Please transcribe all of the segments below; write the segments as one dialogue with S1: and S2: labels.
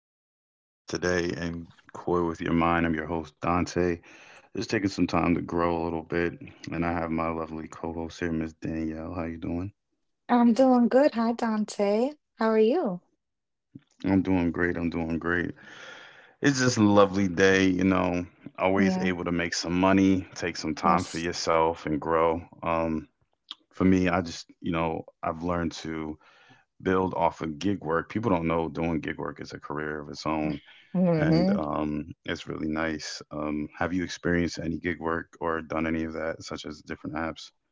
S1: Thank you for joining us today and Koi with Your Mind. I'm your host, Dante. Just taking some time to grow a little bit, and I have my lovely co-host here, Miss Danielle. How you doing?
S2: I'm doing good. Hi, Dante. How are you?
S1: I'm doing great. I'm doing great. It's just a lovely day, you know. Always
S2: Yeah,
S1: able to make some money, take some time for
S2: yes.
S1: yourself, and grow. For me, I just, you know, I've learned to build off of gig work. People don't know doing gig work is a career of its own. And
S2: hmm
S1: It's really nice. Have you experienced any gig work or done any of that, such as different apps?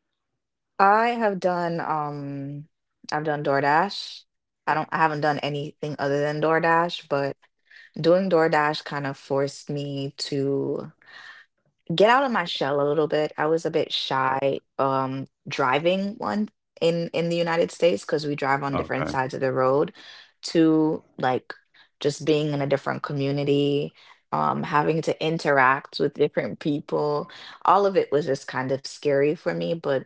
S2: I have done I've done DoorDash. I haven't done anything other than DoorDash, but doing DoorDash kind of forced me to get out of my shell a little bit. I was a bit shy driving one in the United States because we drive on different sides
S1: Okay.
S2: of the road to like just being in a different community, having to interact with different people. All of it was just kind of scary for me, but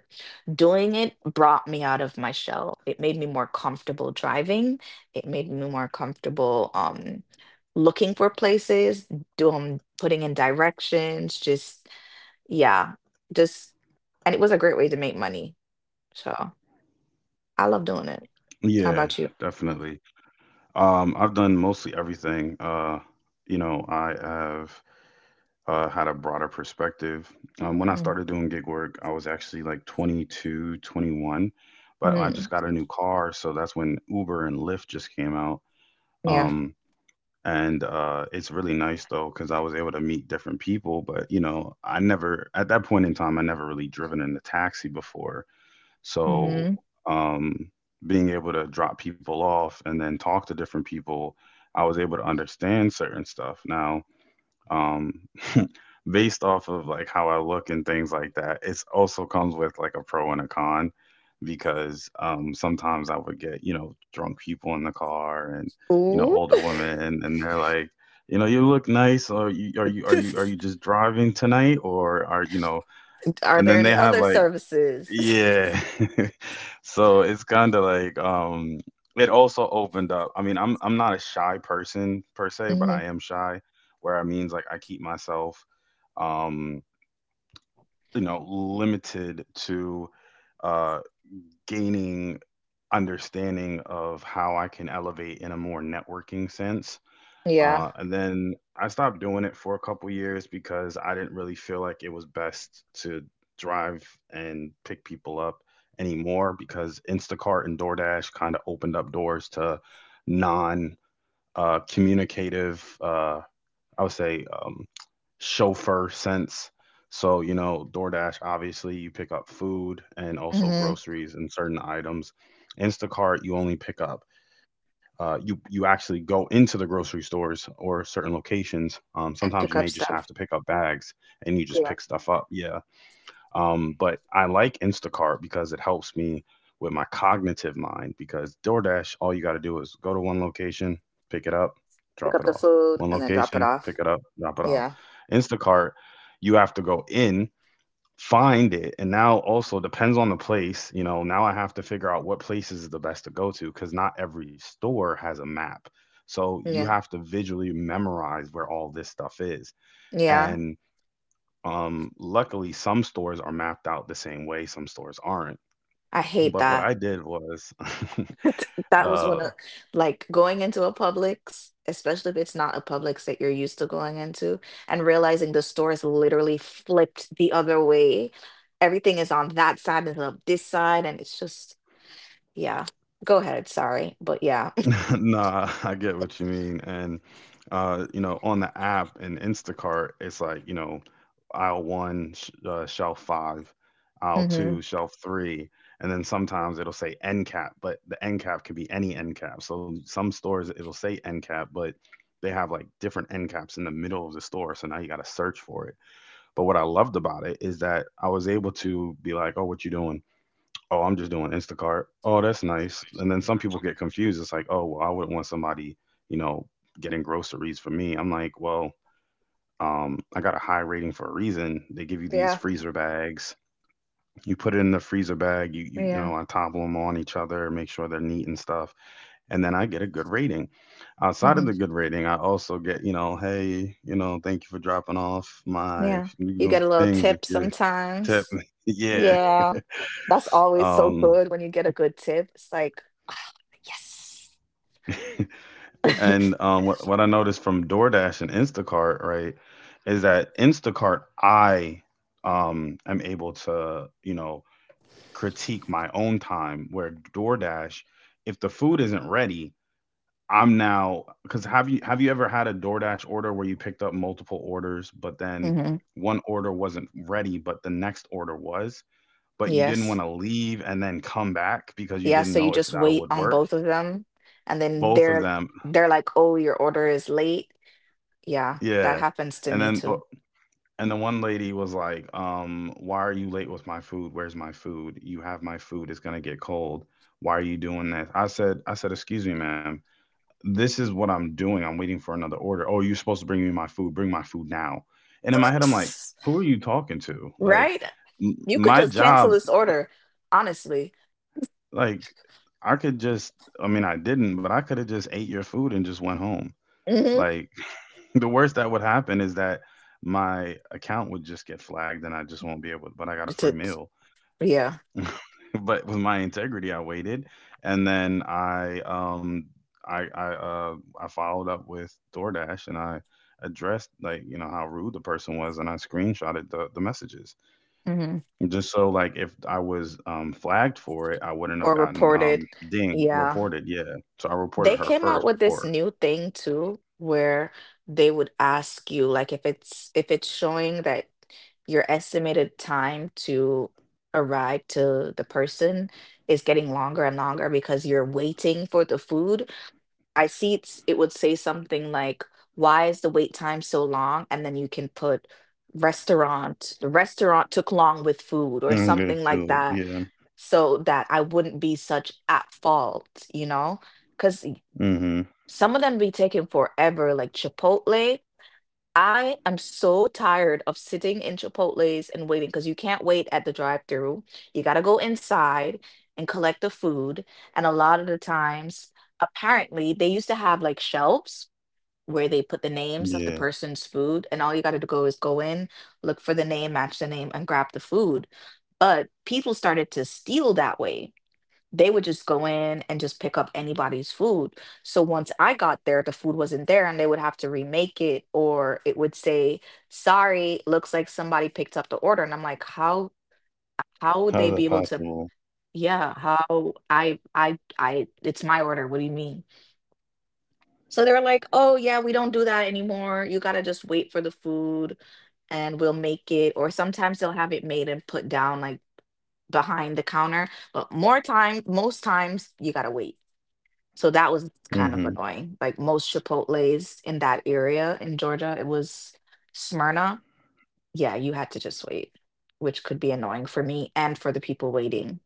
S2: doing it brought me out of my shell. It made me more comfortable driving. It made me more comfortable looking for places doing putting in directions, yeah, just. And it was a great way to make money. So I love doing it. How
S1: Yeah,
S2: about you?
S1: definitely. I've done mostly everything. You know, I have had a broader perspective. When I
S2: Mm.
S1: started doing gig work, I was actually like 22, 21, but I
S2: Mm.
S1: just got a new car, so that's when Uber and Lyft just came out.
S2: Yeah.
S1: Um, and It's really nice though because I was able to meet different people. But you know, I never at that point in time I never really driven in a taxi before, so
S2: Hmm.
S1: um, being able to drop people off and then talk to different people, I was able to understand certain stuff. Now um based off of like how I look and things like that. It's also comes with like a pro and a con because sometimes I would get, you know, drunk people in the car and you know,
S2: Ooh.
S1: older women and they're like, you know, you look nice or you are you just driving tonight or are you know
S2: Are
S1: and
S2: there
S1: then they
S2: any
S1: have
S2: other
S1: like
S2: services?
S1: yeah. So it's kind of like it also opened up. I mean, I'm not a shy person per se, but
S2: hmm
S1: I am shy where it means like I keep myself um, you know, limited to uh, gaining understanding of how I can elevate in a more networking sense.
S2: Yeah.
S1: And then I stopped doing it for a couple years because I didn't really feel like it was best to drive and pick people up anymore, because Instacart and DoorDash kind of opened up doors to non communicative I would say chauffeur sense. So, you know, DoorDash, obviously, you pick up food and
S2: hmm
S1: also
S2: And
S1: groceries and certain items. Instacart, you only pick up. You actually go into the grocery stores or certain locations.
S2: pick
S1: Sometimes
S2: up
S1: you may just
S2: stuff.
S1: have to pick up bags and you
S2: Yeah.
S1: just pick stuff up. Yeah, but I like Instacart because it helps me with my cognitive mind. Because DoorDash, all you got to do is go to one location, pick it up,
S2: Pick
S1: drop
S2: up
S1: it
S2: the
S1: off.
S2: food
S1: One
S2: and then drop it
S1: location, pick
S2: off.
S1: it up, drop it off.
S2: Yeah.
S1: Instacart, you have to go in, find it, and now also depends on the place. You know, now I have to figure out what places is the best to go to because not every store has a map. So you
S2: Yeah.
S1: have to visually memorize where all this stuff is.
S2: Yeah.
S1: And Luckily, some stores are mapped out the same way, some stores aren't.
S2: I hate
S1: But what
S2: that.
S1: I did was,
S2: That was one
S1: uh,
S2: of like going into a Publix, especially if it's not a Publix that you're used to going into, and realizing the store is literally flipped the other way. Everything is on that side and of this side, and it's just yeah. Go ahead, sorry, but yeah.
S1: nah, I get what you mean. And, you know, on the app and Instacart, it's like, you know, aisle one, shelf five, aisle
S2: Hmm.
S1: two, shelf three. And then sometimes it'll say end cap, but the end cap can be any end cap. So some stores, it'll say end cap, but they have like different end caps in the middle of the store. So now you got to search for it. But what I loved about it is that I was able to be like, oh, what you doing? Oh, I'm just doing Instacart. Oh, that's nice. And then some people get confused. It's like, oh, well, I wouldn't want somebody, you know, getting groceries for me. I'm like, well, I got a high rating for a reason. They give you these
S2: Yeah,
S1: freezer bags. You put it in the freezer bag. You
S2: yeah,
S1: know, I topple them on each other, make sure they're neat and stuff, and then I get a good rating. Outside of the
S2: hmm
S1: good rating, I also get, you know, hey, you know, thank you for dropping off my
S2: yeah.
S1: you
S2: You
S1: know
S2: get a little
S1: things if
S2: tip
S1: you're tip.
S2: sometimes.
S1: Yeah.
S2: Yeah, that's always so
S1: Um,
S2: good when you get a good tip. It's like, ah, yes.
S1: what I noticed from DoorDash and Instacart, right, is that Instacart, I am able to, you know, critique my own time. Where DoorDash, if the food isn't ready, I'm now because have you ever had a DoorDash order where you picked up multiple orders, but then
S2: Hmm.
S1: one order wasn't ready, but the next order was, but you didn't want
S2: Yes.
S1: to leave and then come back because you
S2: Yeah,
S1: didn't
S2: so you
S1: know if
S2: just
S1: that
S2: wait
S1: would
S2: on
S1: work
S2: both of them and
S1: both
S2: then
S1: of them.
S2: they're like, "Oh, your order is late." Yeah, that
S1: Yeah,
S2: happens to
S1: and
S2: me
S1: then o
S2: too.
S1: and the one lady was like, "Why are you late with my food? Where's my food? You have my food, it's gonna get cold. Why are you doing this?" I said, "Excuse me, ma'am. This is what I'm doing. I'm waiting for another order. Oh, you're supposed to bring me my food. Bring my food now." And in my head, I'm like, "Who are you talking to?" Like
S2: Right?
S1: m
S2: You could
S1: my
S2: just cancel
S1: job,
S2: this order, honestly.
S1: like I could just, I mean, I didn't, but I could have just ate your food and just went home.
S2: Mm-hmm.
S1: Like the worst that would happen is that my account would just get flagged and I just won't be able, but I got a
S2: It's,
S1: free
S2: it's-
S1: meal.
S2: Yeah.
S1: But with my integrity, I waited and then I followed up with DoorDash and I addressed like, you know, how rude the person was and I screenshotted the messages.
S2: Hmm.
S1: Just so like if I was flagged for it, I wouldn't have
S2: Or
S1: gotten
S2: report it.
S1: ding
S2: Yeah.
S1: reported. Yeah. So I
S2: They
S1: reported her
S2: came out
S1: first
S2: with this
S1: before.
S2: new thing too, where they would ask you like if it's showing that your estimated time to arrive to the person is getting longer and longer because you're waiting for the food. I see it would say something like, "Why is the wait time so long?" And then you can put the restaurant took long with food or
S1: Mm, good
S2: something like
S1: too.
S2: that,
S1: Yeah.
S2: so that I wouldn't be such at fault, you know? Because
S1: Mm-hmm.
S2: some of them be taking forever, like Chipotle. I am so tired of sitting in Chipotles and waiting because you can't wait at the drive-through. You got to go inside and collect the food. And a lot of the times, apparently, they used to have like shelves where they put the names of the
S1: Yeah.
S2: person's food, and all you got to go is go in, look for the name, match the name, and grab the food. But people started to steal that way they would just go in and just pick up anybody's food. So once I got there, the food wasn't there and they would have to remake it or it would say, "Sorry, looks like somebody picked up the order." And I'm like, how would
S1: How is
S2: they
S1: that
S2: be able to
S1: possible?
S2: yeah, how I it's my order. What do you mean?" So they're like, "Oh, yeah, we don't do that anymore. You got to just wait for the food and we'll make it." Or sometimes they'll have it made and put down like behind the counter, but more time most times you got to wait. So that was
S1: Mhm.
S2: kind of annoying. Like most Chipotle's in that area in Georgia, it was Smyrna. Yeah, you had to just wait, which could be annoying for me and for the people waiting.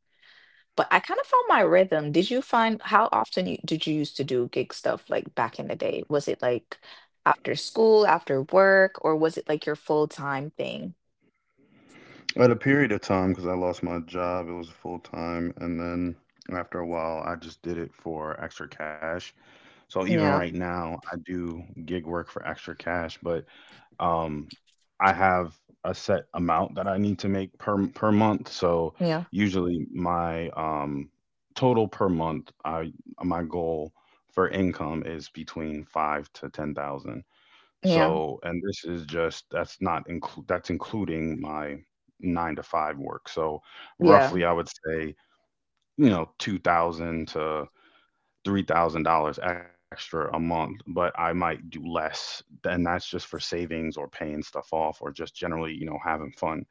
S2: But I kind of found my rhythm. Did you find how often did you used to do gig stuff like back in the day? Was it like after school, after work, or was it like your full-time thing?
S1: At a period of time, because I lost my job, it was full time, and then after a while, I just did it for extra cash. So even right
S2: Yeah,
S1: now, I do gig work for extra cash, but um, I have a set amount that I need to make per month. So
S2: yeah,
S1: usually, my total per month, I my goal for income is between 5 to 10 thousand.
S2: yeah,
S1: So, and this is just that's not inclu- that's including my nine to five work. So,
S2: yeah.
S1: roughly, I would say you know two thousand to three thousand dollars extra a month, but I might do less, and that's just for savings or paying stuff off or just generally, you know, having fun.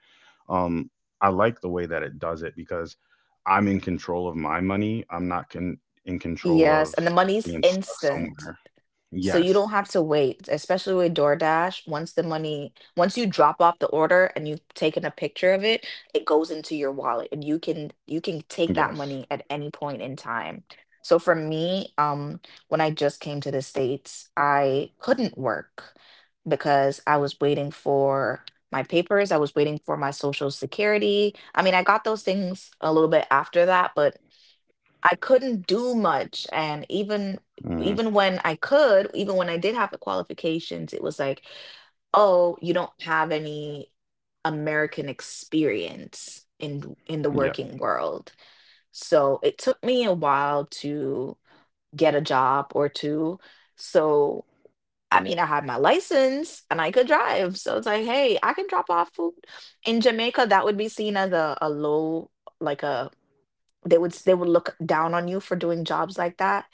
S1: Um, I like the way that it does it because I'm in control of my money. I'm not con- In control
S2: Yes,
S1: of
S2: and the money's
S1: being stuck
S2: instant.
S1: somewhere.
S2: So you
S1: Yes,
S2: don't have to wait, especially with DoorDash. Once you drop off the order and you've taken a picture of it, it goes into your wallet and you can take that
S1: yes,
S2: money at any point in time. So for me, when I just came to the States, I couldn't work because I was waiting for my papers, I was waiting for my social security. I mean, I got those things a little bit after that, but I couldn't do much. And even
S1: hmm,
S2: even when I could, even when I did have the qualifications, it was like, oh, you don't have any American experience in the working world. So it took me a while to get a job or two. So I mean, I had my license and I could drive. So it's like, hey, I can drop off food in Jamaica. That would be seen as a low, like a they would look down on you for doing jobs like that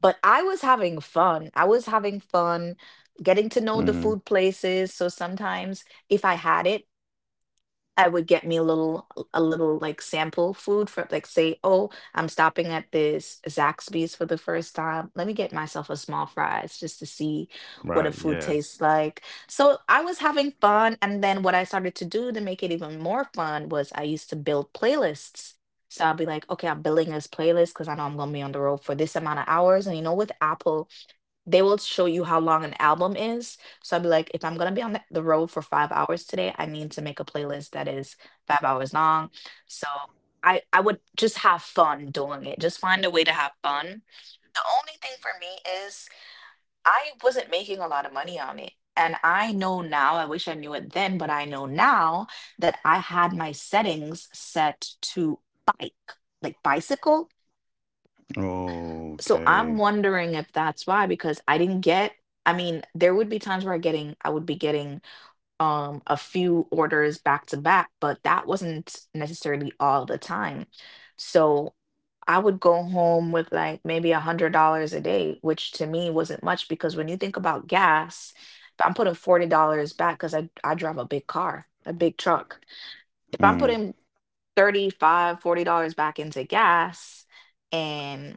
S2: but i was having fun getting to know the
S1: yeah.
S2: food places so sometimes if I had it I would get me a little like sample food from like say, oh, I'm stopping at this Zaxby's for the first time. Let me get myself a small fries just to see
S1: Right.
S2: what a
S1: Yeah.
S2: food tastes like. So I was having fun, and then what I started to do to make it even more fun was I used to build playlists. So I'll be like, okay, I'm building this playlist because I know I'm gonna be on the road for this amount of hours. And you know, with Apple, they will show you how long an album is. So I'd be like, if I'm gonna be on the road for 5 hours today, I need to make a playlist that is 5 hours long. So I would just have fun doing it. Just find a way to have fun. The only thing for me is I wasn't making a lot of money on it. And I know now, I wish I knew it then, but I know now that I had my settings set to bike, like bicycle. So I'm
S1: Okay.
S2: wondering if that's why, because I didn't get, I mean, there would be times where I would be getting a few orders back to back, but that wasn't necessarily all the time. So I would go home with like maybe $100 a day, which to me wasn't much because when you think about gas, if I'm putting $40 back because I drive a big car, a big truck. If I'm
S1: Mm,
S2: putting 35, $40 back into gas and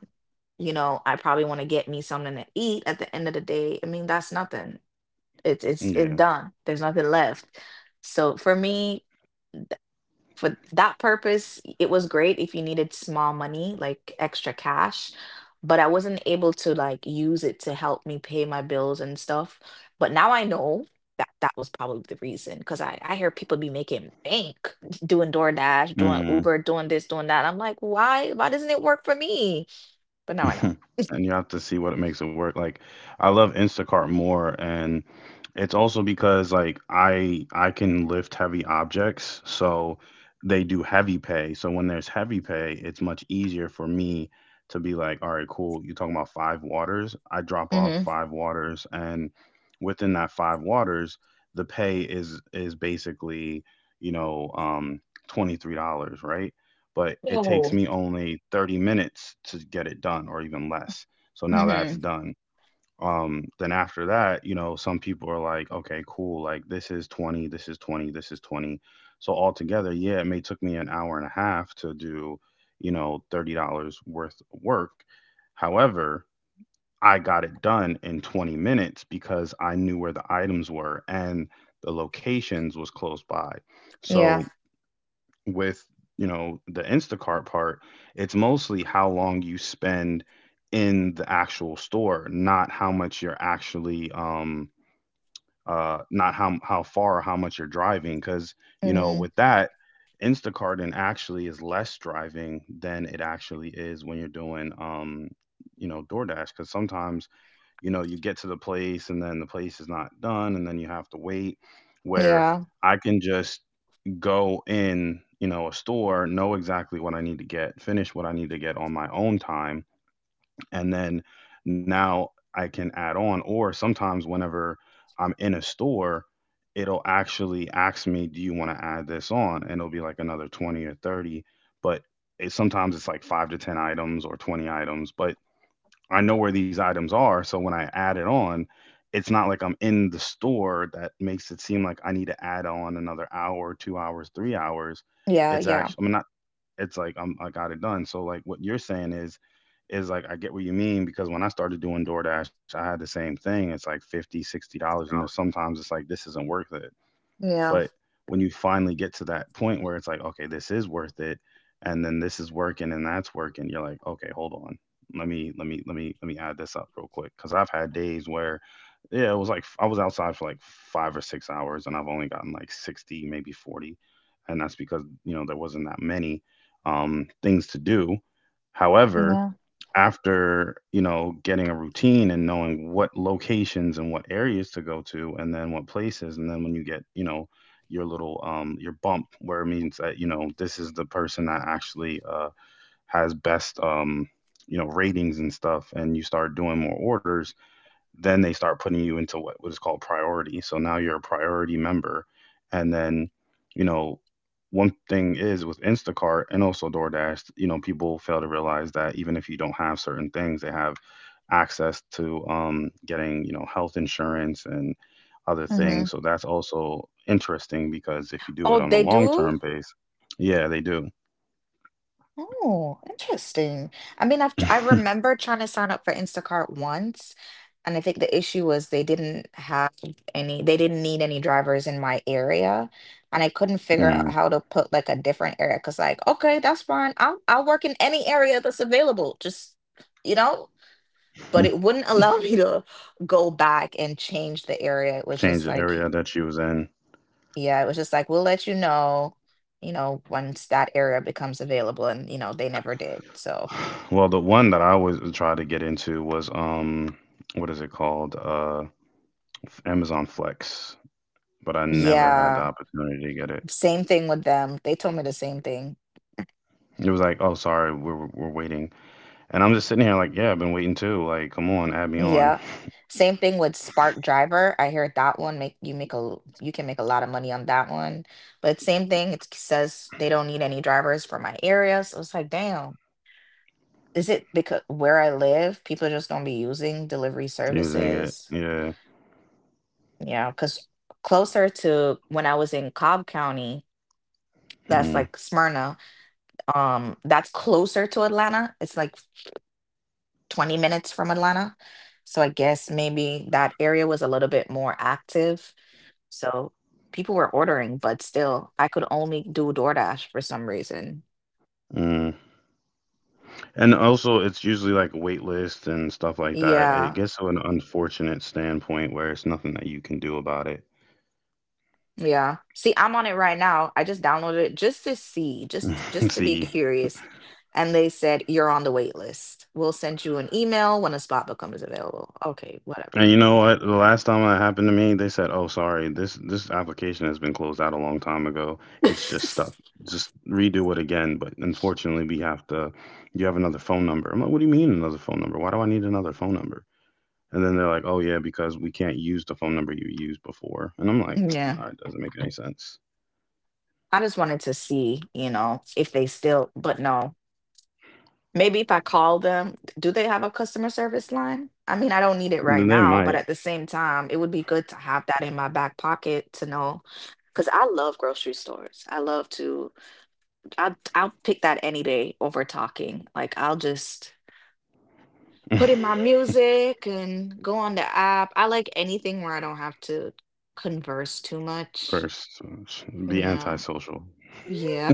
S2: you know I probably want to get me something to eat at the end of the day I mean that's nothing it's
S1: yeah.
S2: done there's nothing left so for me for that purpose, it was great if you needed small money, like extra cash, but I wasn't able to like use it to help me pay my bills and stuff. But now I know that that was probably the reason because I hear people be making bank doing DoorDash, doing
S1: Mm.
S2: Uber, doing this, doing that. I'm like, why? Why doesn't it work for me? But now I know.
S1: And you have to see what it makes it work. Like I love Instacart more, and it's also because like I can lift heavy objects, so they do heavy pay. So when there's heavy pay, it's much easier for me to be like, all right, cool. You're talking about five waters. I drop off
S2: Mm-hmm.
S1: five waters, and within that five waters, the pay is basically you know um $23, right? But it takes
S2: Oh.
S1: me only 30 minutes to get it done or even less. So now that's
S2: Mm-hmm.
S1: done. Then after that, you know, some people are like, okay, cool, like this is 20, this is 20, this is 20. So altogether, yeah, it may took me an hour and a half to do, you know, $30 worth of work. However, I got it done in 20 minutes because I knew where the items were and the locations was close by. So
S2: Yeah.
S1: with you know the Instacart part, it's mostly how long you spend in the actual store, not how much you're actually not how far or how much you're driving, because you know
S2: Mm-hmm.
S1: with that Instacart and actually is less driving than it actually is when you're doing you know DoorDash, because sometimes you know you get to the place and then the place is not done and then you have to wait, where
S2: Yeah.
S1: I can just go in, you know, a store, know exactly what I need to get, finish what I need to get on my own time, and then now I can add on, or sometimes whenever I'm in a store it'll actually ask me, do you want to add this on, and it'll be like another 20 or 30, but it, sometimes it's like 5 to 10 items or 20 items, but I know where these items are. So when I add it on, it's not like I'm in the store that makes it seem like I need to add on another hour, 2 hours, 3 hours.
S2: Yeah.
S1: It's
S2: Yeah.
S1: actually, I mean, not, it's like I got it done. So like what you're saying is like, I get what you mean because when I started doing DoorDash, I had the same thing. It's like 50, $60. And there's sometimes it's like, this isn't worth it. But
S2: Yeah.
S1: when you finally get to that point where it's like, okay, this is worth it, and then this is working and that's working, you're like, okay, hold on. Let me add this up real quick cuz I've had days where yeah, it was like I was outside for like 5 or 6 hours and I've only gotten like 60, maybe 40. And that's because, you know, there wasn't that many things to do.
S2: Yeah.
S1: However, after getting a routine and knowing what locations and what areas to go to and then what places and then when you get, you know, your little your bump where it means that, you know, this is the person that actually has best you know, ratings and stuff and you start doing more orders, then they start putting you into what was called priority. So now you're a priority member. And then, you know, one thing is with Instacart and also DoorDash, you know, people fail to realize that even if you don't have certain things, they have access to getting, you know, health insurance and other
S2: Mm-hmm.
S1: things. So that's also interesting because if you do
S2: Oh,
S1: it on a
S2: they
S1: long
S2: do?
S1: term base, yeah, they do.
S2: Oh, interesting. I remember trying to sign up for Instacart once, and I think the issue was they didn't have they didn't need any drivers in my area, and I couldn't figure out
S1: Mm.
S2: how to put like a different area. Cause like, okay, that's fine. I'll work in any area that's available. Just, you know, but it wouldn't allow me to go back and change the area. It was
S1: Change
S2: just
S1: the
S2: like.
S1: area that you was in.
S2: Yeah, it was just like, we'll let you know, once that area becomes available. And, you know, they never did. So,
S1: Well, the one that I always try to get into was what is it called? Amazon Flex, but I never had the
S2: yeah,
S1: opportunity to get it.
S2: same thing with them. They told me the same thing.
S1: It was like, oh, sorry, we're waiting, and I'm just sitting here like, yeah, I've been waiting too. Like, come on, add me on.
S2: Yeah. Same thing with Spark Driver. I heard that one make a you can make a lot of money on that one. But same thing, it says they don't need any drivers for my area. So it's like, damn, is it because where I live, people just don't be using delivery
S1: Using it,
S2: services?
S1: yeah.
S2: Yeah, because closer to when I was in Cobb County. That's
S1: Mm,
S2: like Smyrna. That's closer to Atlanta. It's like 20 minutes from Atlanta. So I guess maybe that area was a little bit more active. So people were ordering, but still, I could only do DoorDash for some reason.
S1: mm. And also, it's usually like wait list and stuff like that. It
S2: Yeah.
S1: gets to an unfortunate standpoint where it's nothing that you can do about it.
S2: Yeah. See, I'm on it right now. I just downloaded it just to see, just just to be
S1: See,
S2: curious. And they said you're on the wait list. We'll send you an email when a spot becomes available. Okay, whatever.
S1: and you know what? The last time that happened to me, they said, "Oh, sorry, this application has been closed out a long time ago. It's just stuck. Just redo it again." But unfortunately, we have to. You have another phone number. I'm like, "What do you mean another phone number? Why do I need another phone number?" And then they're like, "Oh yeah, because we can't use the phone number you used before." And I'm like, "All
S2: Yeah.
S1: right, doesn't make any sense."
S2: I just wanted to see, you know, if they still, but no. Maybe if I call them, do they have a customer service line? I mean, I don't need it right
S1: Then they
S2: now, but
S1: might
S2: at the same time, it would be good to have that in my back pocket to know. Because I love grocery stores. I love to, I'll pick that any day over talking. Like, I'll just put in my music and go on the app. I like anything where I don't have to converse too much.
S1: first be
S2: Yeah.
S1: antisocial
S2: Yeah.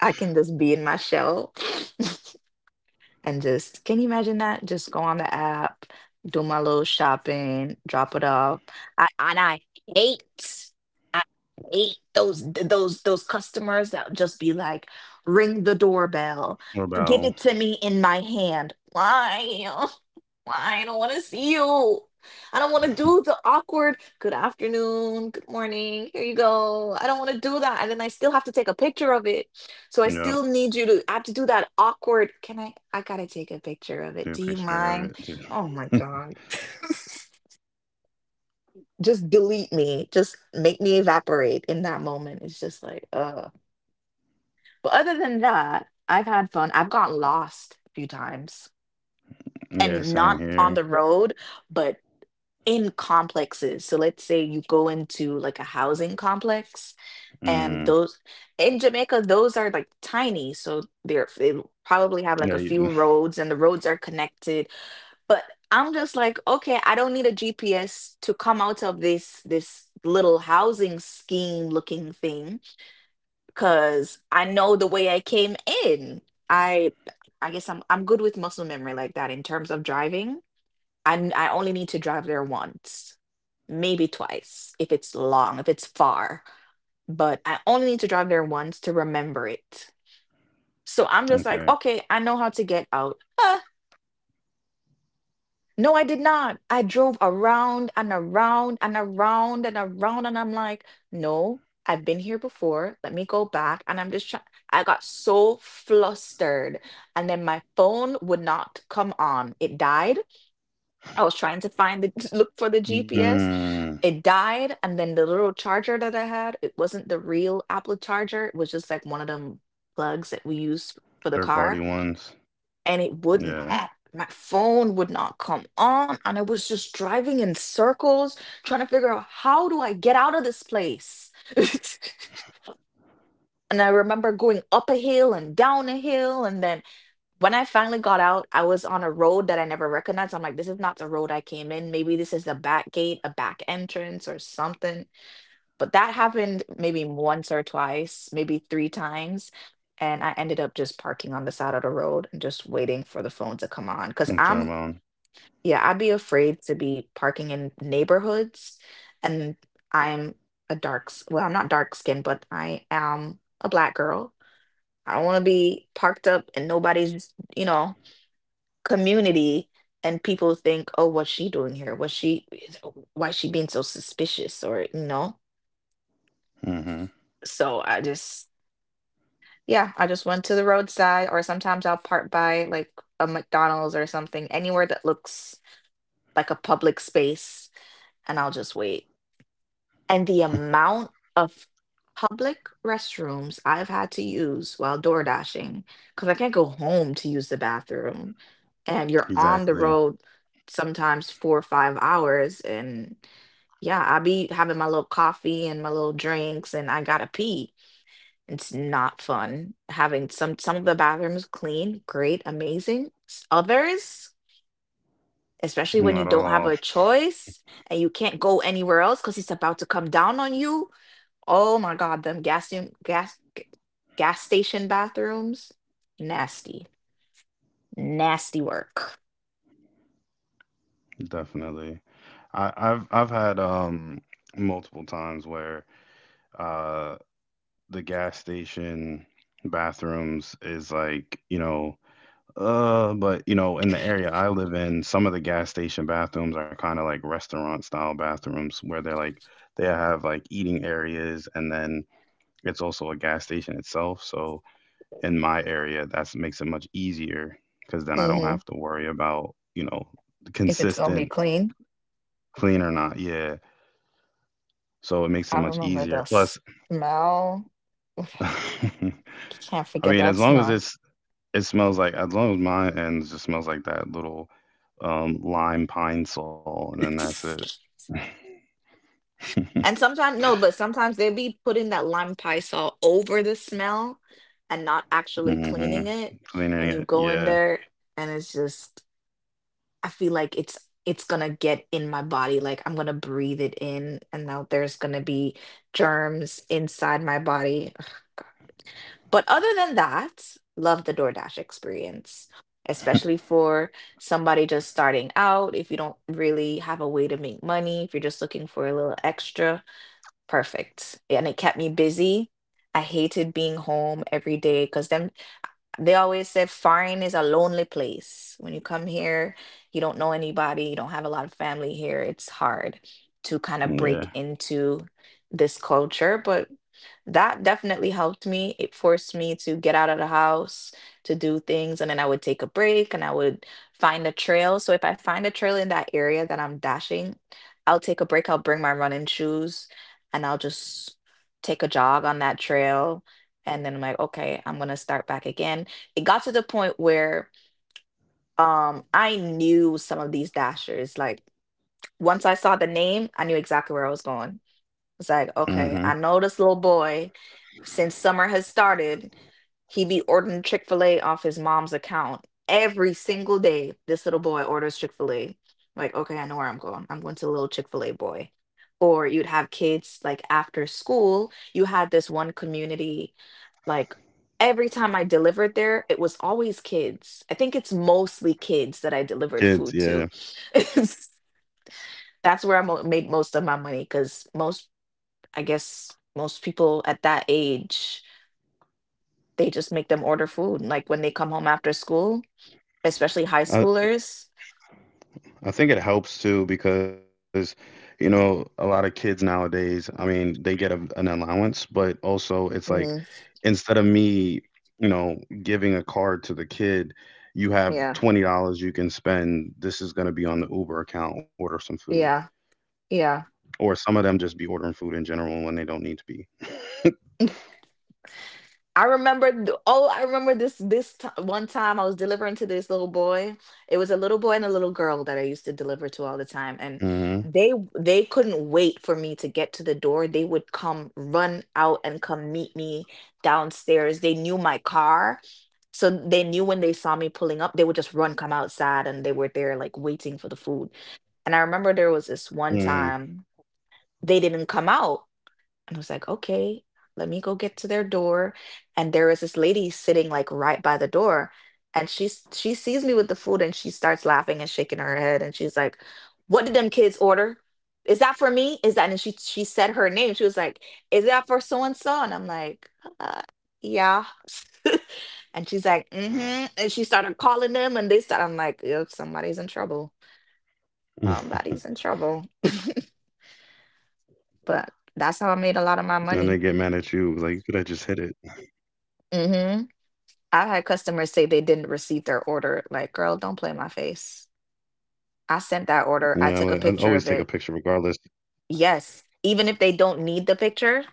S2: I can just be in my shell. And just can you imagine that? Just go on the app, do my little shopping, drop it off. I and I hate I hate those th- those customers that just be like, ring the doorbell,
S1: or
S2: give
S1: battle.
S2: it to me in my hand. Why? Why? I don't want to see you. I don't want to do the awkward good afternoon, good morning, here you go. I don't want to do that. And then I still have to take a picture of it, so I still
S1: Yep,
S2: need you to. I have to do that awkward. Can I? I gotta take a picture of it.
S1: do
S2: Do
S1: a
S2: you
S1: picture
S2: mind?
S1: of it too.
S2: Oh my God. Just delete me. Just make me evaporate in that moment. It's just like, But other than that, I've had fun. I've gotten lost a few times,
S1: Yeah,
S2: and not
S1: same
S2: on the
S1: here.
S2: road, but in complexes. So let's say you go into like a housing complex, and
S1: Mm.
S2: those in Jamaica, those are like tiny. So they probably have like a
S1: Yeah.
S2: few
S1: You,
S2: roads, and the roads are connected. But I'm just like, okay, I don't need a GPS to come out of this little housing scheme looking thing because I know the way I came in. I I guess I'm good with muscle memory like that in terms of driving. I only need to drive there once, maybe twice if it's long, if it's far, but I only need to drive there once to remember it. So I'm just like,
S1: okay.
S2: okay, I know how to get out. Huh, no, I did not. I drove around and around and around and around, and I'm like, no, I've been here before. Let me go back. And I'm just trying. I got so flustered, and then my phone would not come on. It died. I was trying to find the look for the
S1: Mm.
S2: GPS. It died, and then the little charger that I had, it wasn't the real Apple charger, it was just like one of them plugs that we
S1: Third
S2: use
S1: party
S2: for the
S1: ones.
S2: car, and it
S1: Yeah.
S2: would not, my phone would not come on, and I was just driving in circles trying to figure out how do I get out of this place. And I remember going up a hill and down a hill, and then when I finally got out I was on a road that I never recognized. I'm like, this is not the road I came in, maybe this is the back gate, a back entrance or something. But that happened maybe once or twice, maybe three times. And I ended up just parking on the side of the road and just waiting for the phone to come on.
S1: That's what I'm on.
S2: Yeah, I'd be afraid to be parking in neighborhoods. And I'm a well, I'm not dark skinned, but I am a black girl. I don't want to be parked up in nobody's, you know, community, and people think, oh, what's she doing here? What's she, why is she being so suspicious? Or, you know,
S1: Mm-hmm.
S2: so I just, yeah, I just went to the roadside, or sometimes I'll park by like a McDonald's or something, anywhere that looks like a public space, and I'll just wait. And the amount of public restrooms I've had to use while door dashing, because I can't go home to use the bathroom, and you're on the
S1: Exactly.
S2: road sometimes 4 or 5 hours, and yeah, I be having my little coffee and my little drinks, and I gotta pee. It's not fun having some of the bathrooms clean, great, amazing. Others, especially when you
S1: Not at
S2: don't have
S1: all.
S2: a choice and you can't go anywhere else because it's about to come down on you. Oh my God, them gas station bathrooms, nasty, nasty work.
S1: Definitely. I've had multiple times where uh the gas station bathrooms is like, you know, uh, but you know, in the area I live in, some of the gas station bathrooms are kind of like restaurant style bathrooms where they're like they have like eating areas and then it's also a gas station itself. So in my area, that makes it much easier because then I don't
S2: hmm
S1: have to worry about, you know,
S2: If it's gonna be
S1: consistent
S2: clean,
S1: clean or not. Yeah. So it makes it
S2: I
S1: much
S2: remember
S1: easier.
S2: the
S1: Plus,
S2: smell. You can't
S1: I
S2: forget
S1: mean,
S2: that
S1: as long as
S2: smell.
S1: it smells like, as long as mine ends just smells like that little lime pine sol, and then that's it.
S2: And sometimes, no, but sometimes they'll be putting that lime pie salt over the smell and not actually
S1: Hmm.
S2: cleaning it.
S1: Cleaning
S2: And you
S1: it.
S2: go in
S1: Yeah.
S2: there and I feel like it's gonna get in my body. Like I'm gonna breathe it in and now there's gonna be germs inside my body. Ugh, God. But other than that, love the DoorDash experience. Especially for somebody just starting out, if you don't really have a way to make money, if you're just looking for a little extra, perfect, and it kept me busy. I hated being home every day because them they always said foreign is a lonely place. When you come here, you don't know anybody, you don't have a lot of family here. It's hard to kind of break
S1: Yeah.
S2: into this culture, but that definitely helped me. It forced me to get out of the house, to do things, and then I would take a break and I would find a trail. So if I find a trail in that area that I'm dashing, I'll take a break. I'll bring my running shoes and I'll just take a jog on that trail. And then I'm like, okay, I'm gonna start back again. It got to the point where I knew some of these dashers. Like once I saw the name, I knew exactly where I was going. It's like, okay,
S1: Hmm.
S2: I know this little boy since summer has started. He be ordering Chick fil A off his mom's account every single day. This little boy orders Chick fil A. Like, okay, I know where I'm going. I'm going to little Chick fil A boy. Or you'd have kids like after school, you had this one community, like every time I delivered there, it was always kids. I think it's mostly kids that I delivered
S1: Kids,
S2: food
S1: yeah.
S2: to. It's- That's where I made most of my money because most, I guess, most people at that age they just make them order food, like, when they come home after school, especially high
S1: I,
S2: schoolers.
S1: I think it helps too because, you know, a lot of kids nowadays, I mean, they get an allowance, but also it's like
S2: Mhm,
S1: instead of me, you know, giving a card to the kid, you have
S2: yeah,
S1: $20 you can spend. This is going to be on the Uber account, order some food.
S2: yeah, yeah.
S1: Or some of them just be ordering food in general when they don't need to be.
S2: I remember th oh, I remember this this ti one time I was delivering to this little boy. It was a little boy and a little girl that I used to deliver to all the time, and
S1: Hmm.
S2: they couldn't wait for me to get to the door. They would come run out and come meet me downstairs. They knew my car, so they knew when they saw me pulling up, they would just run, come outside, and they were there, like, waiting for the food. And I remember there was this one
S1: Mm.
S2: time they didn't come out. And I was like, okay, let me go get to their door. And there was this lady sitting like right by the door. And she sees me with the food and she starts laughing and shaking her head. And she's like, what did them kids order? Is that for me? Is that, and she said her name. She was like, is that for so and so? And I'm like, uh, yeah. And she's like, mm-hmm. And she started calling them and they started, I'm like, "Yup, somebody's in trouble. Somebody's in trouble."
S1: And they get
S2: But
S1: mad at
S2: that's
S1: you.
S2: how I
S1: Like, you
S2: made a
S1: could have
S2: lot of
S1: just
S2: my
S1: hit it.
S2: money. hmm I had customers say they didn't receive their order. Like, girl, don't play in my face.
S1: Yeah, I'm like,
S2: I
S1: I
S2: sent
S1: always
S2: that
S1: take a
S2: order.
S1: picture
S2: I took a
S1: regardless.
S2: picture of it. Yes, even if they don't need the picture,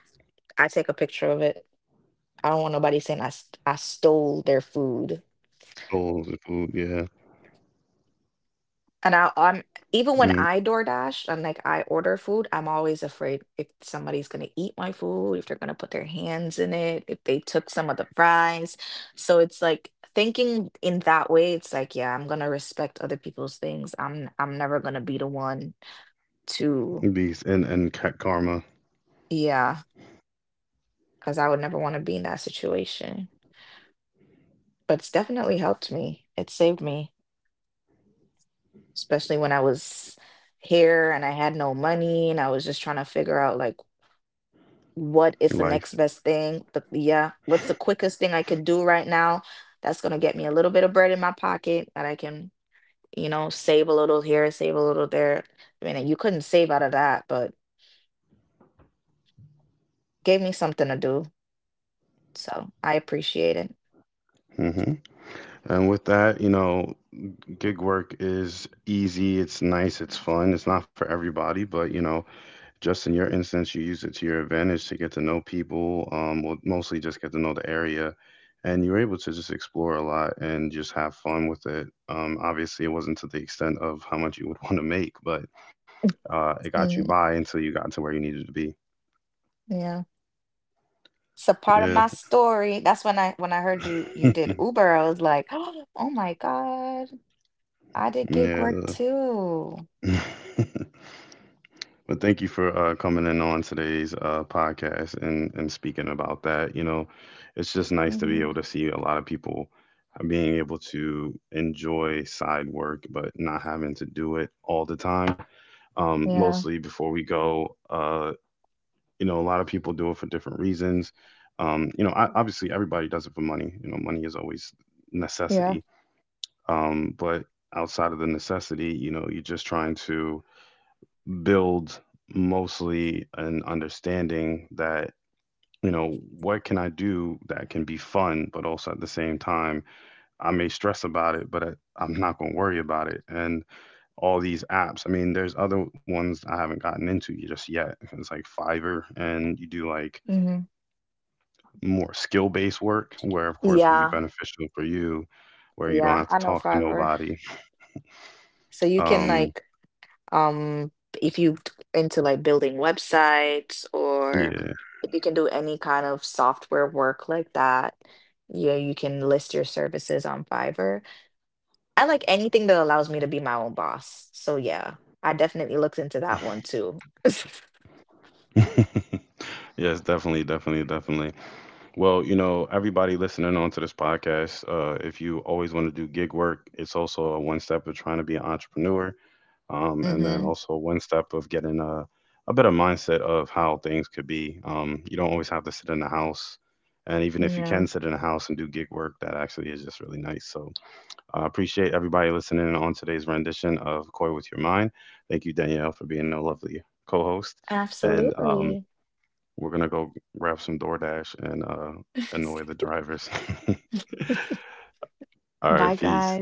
S2: I take a picture of it. I don't want nobody saying I I stole their food.
S1: Oh, the food, yeah.
S2: I'm
S1: Mm.
S2: even when I DoorDash and like I order food, I'm always afraid if somebody's gonna eat my food, if they're gonna put their hands in it, if they took some of the fries. So it's like thinking in that way, it's like, yeah, I'm gonna respect other people's things. I'm never gonna be the one to,
S1: Beast and ca- karma
S2: yeah, because I would never want to be in that situation. But it's definitely helped me. It saved me, especially when I was here and I had no money and I was just trying to figure out like what is the next
S1: life.
S2: best thing? Yeah, what's the quickest thing I can do right now that's going to get me a little bit of bread in my pocket that I can, you know, save a little here, save a little there. I mean, you couldn't save out of that, but gave me something to do. So I appreciate it.
S1: Hmm. And with that, you know, gig work is easy. It's nice. It's fun. It's not for everybody, but you know, just in your instance, you use it to your advantage to get to know people. Well, mostly just get to know the area, and you're able to just explore a lot and just have fun with it. Obviously, it wasn't to the extent of how much you would want to make, but it got you
S2: Mm,
S1: by until you got to where you needed to be.
S2: yeah. It's a part of
S1: Yeah.
S2: my story. That's when I heard you did Uber, I was like, oh my God, I did gig work
S1: Yeah.
S2: too.
S1: the- Well, thank you for coming in on today's podcast and speaking about that. You know, it's just nice to be
S2: Hmm.
S1: able to see a lot of people being able to enjoy side work, but not having to do it all the time.
S2: Yeah,
S1: Mostly before we go, you know, a lot of people do it for different reasons. You know, obviously everybody does it for money. You know, money is always
S2: yeah.
S1: necessity. But outside of the necessity, you know, you're just trying to build mostly an understanding that, you know, what can I do that can be fun but also at the same time I may stress about it but I'm not going to worry about it. And all these apps, I mean, there's other ones I haven't gotten into just yet. It's like Fiverr and you do like
S2: Hmm.
S1: more skill based work where of course would be
S2: Yeah.
S1: beneficial for you where you don't
S2: Yeah,
S1: have to
S2: I know
S1: talk to
S2: Fiverr.
S1: nobody.
S2: So you can
S1: um
S2: like um if you into like building websites or
S1: yeah.
S2: if you can do any kind of software work like that, yeah, you can list your services on Fiverr. I like anything that allows me to be my own boss. So yeah, I definitely looked into that one too.
S1: Yes, definitely. Well, you know, everybody listening on to this podcast, if you always want to do gig work, it's also a one step of trying to be an entrepreneur, and then
S2: Mm-hmm.
S1: also one step of getting a better mindset of how things could be. You don't always have to sit in the house, and even if you
S2: Yeah.
S1: can sit in the house and do gig work, that actually is just really nice. So I appreciate everybody listening on today's rendition of Koi with Your Mind. Thank you, Danielle, for being a lovely co-host, and
S2: Absolutely.
S1: we're gonna go grab some DoorDash and annoy the drivers. All right, peace.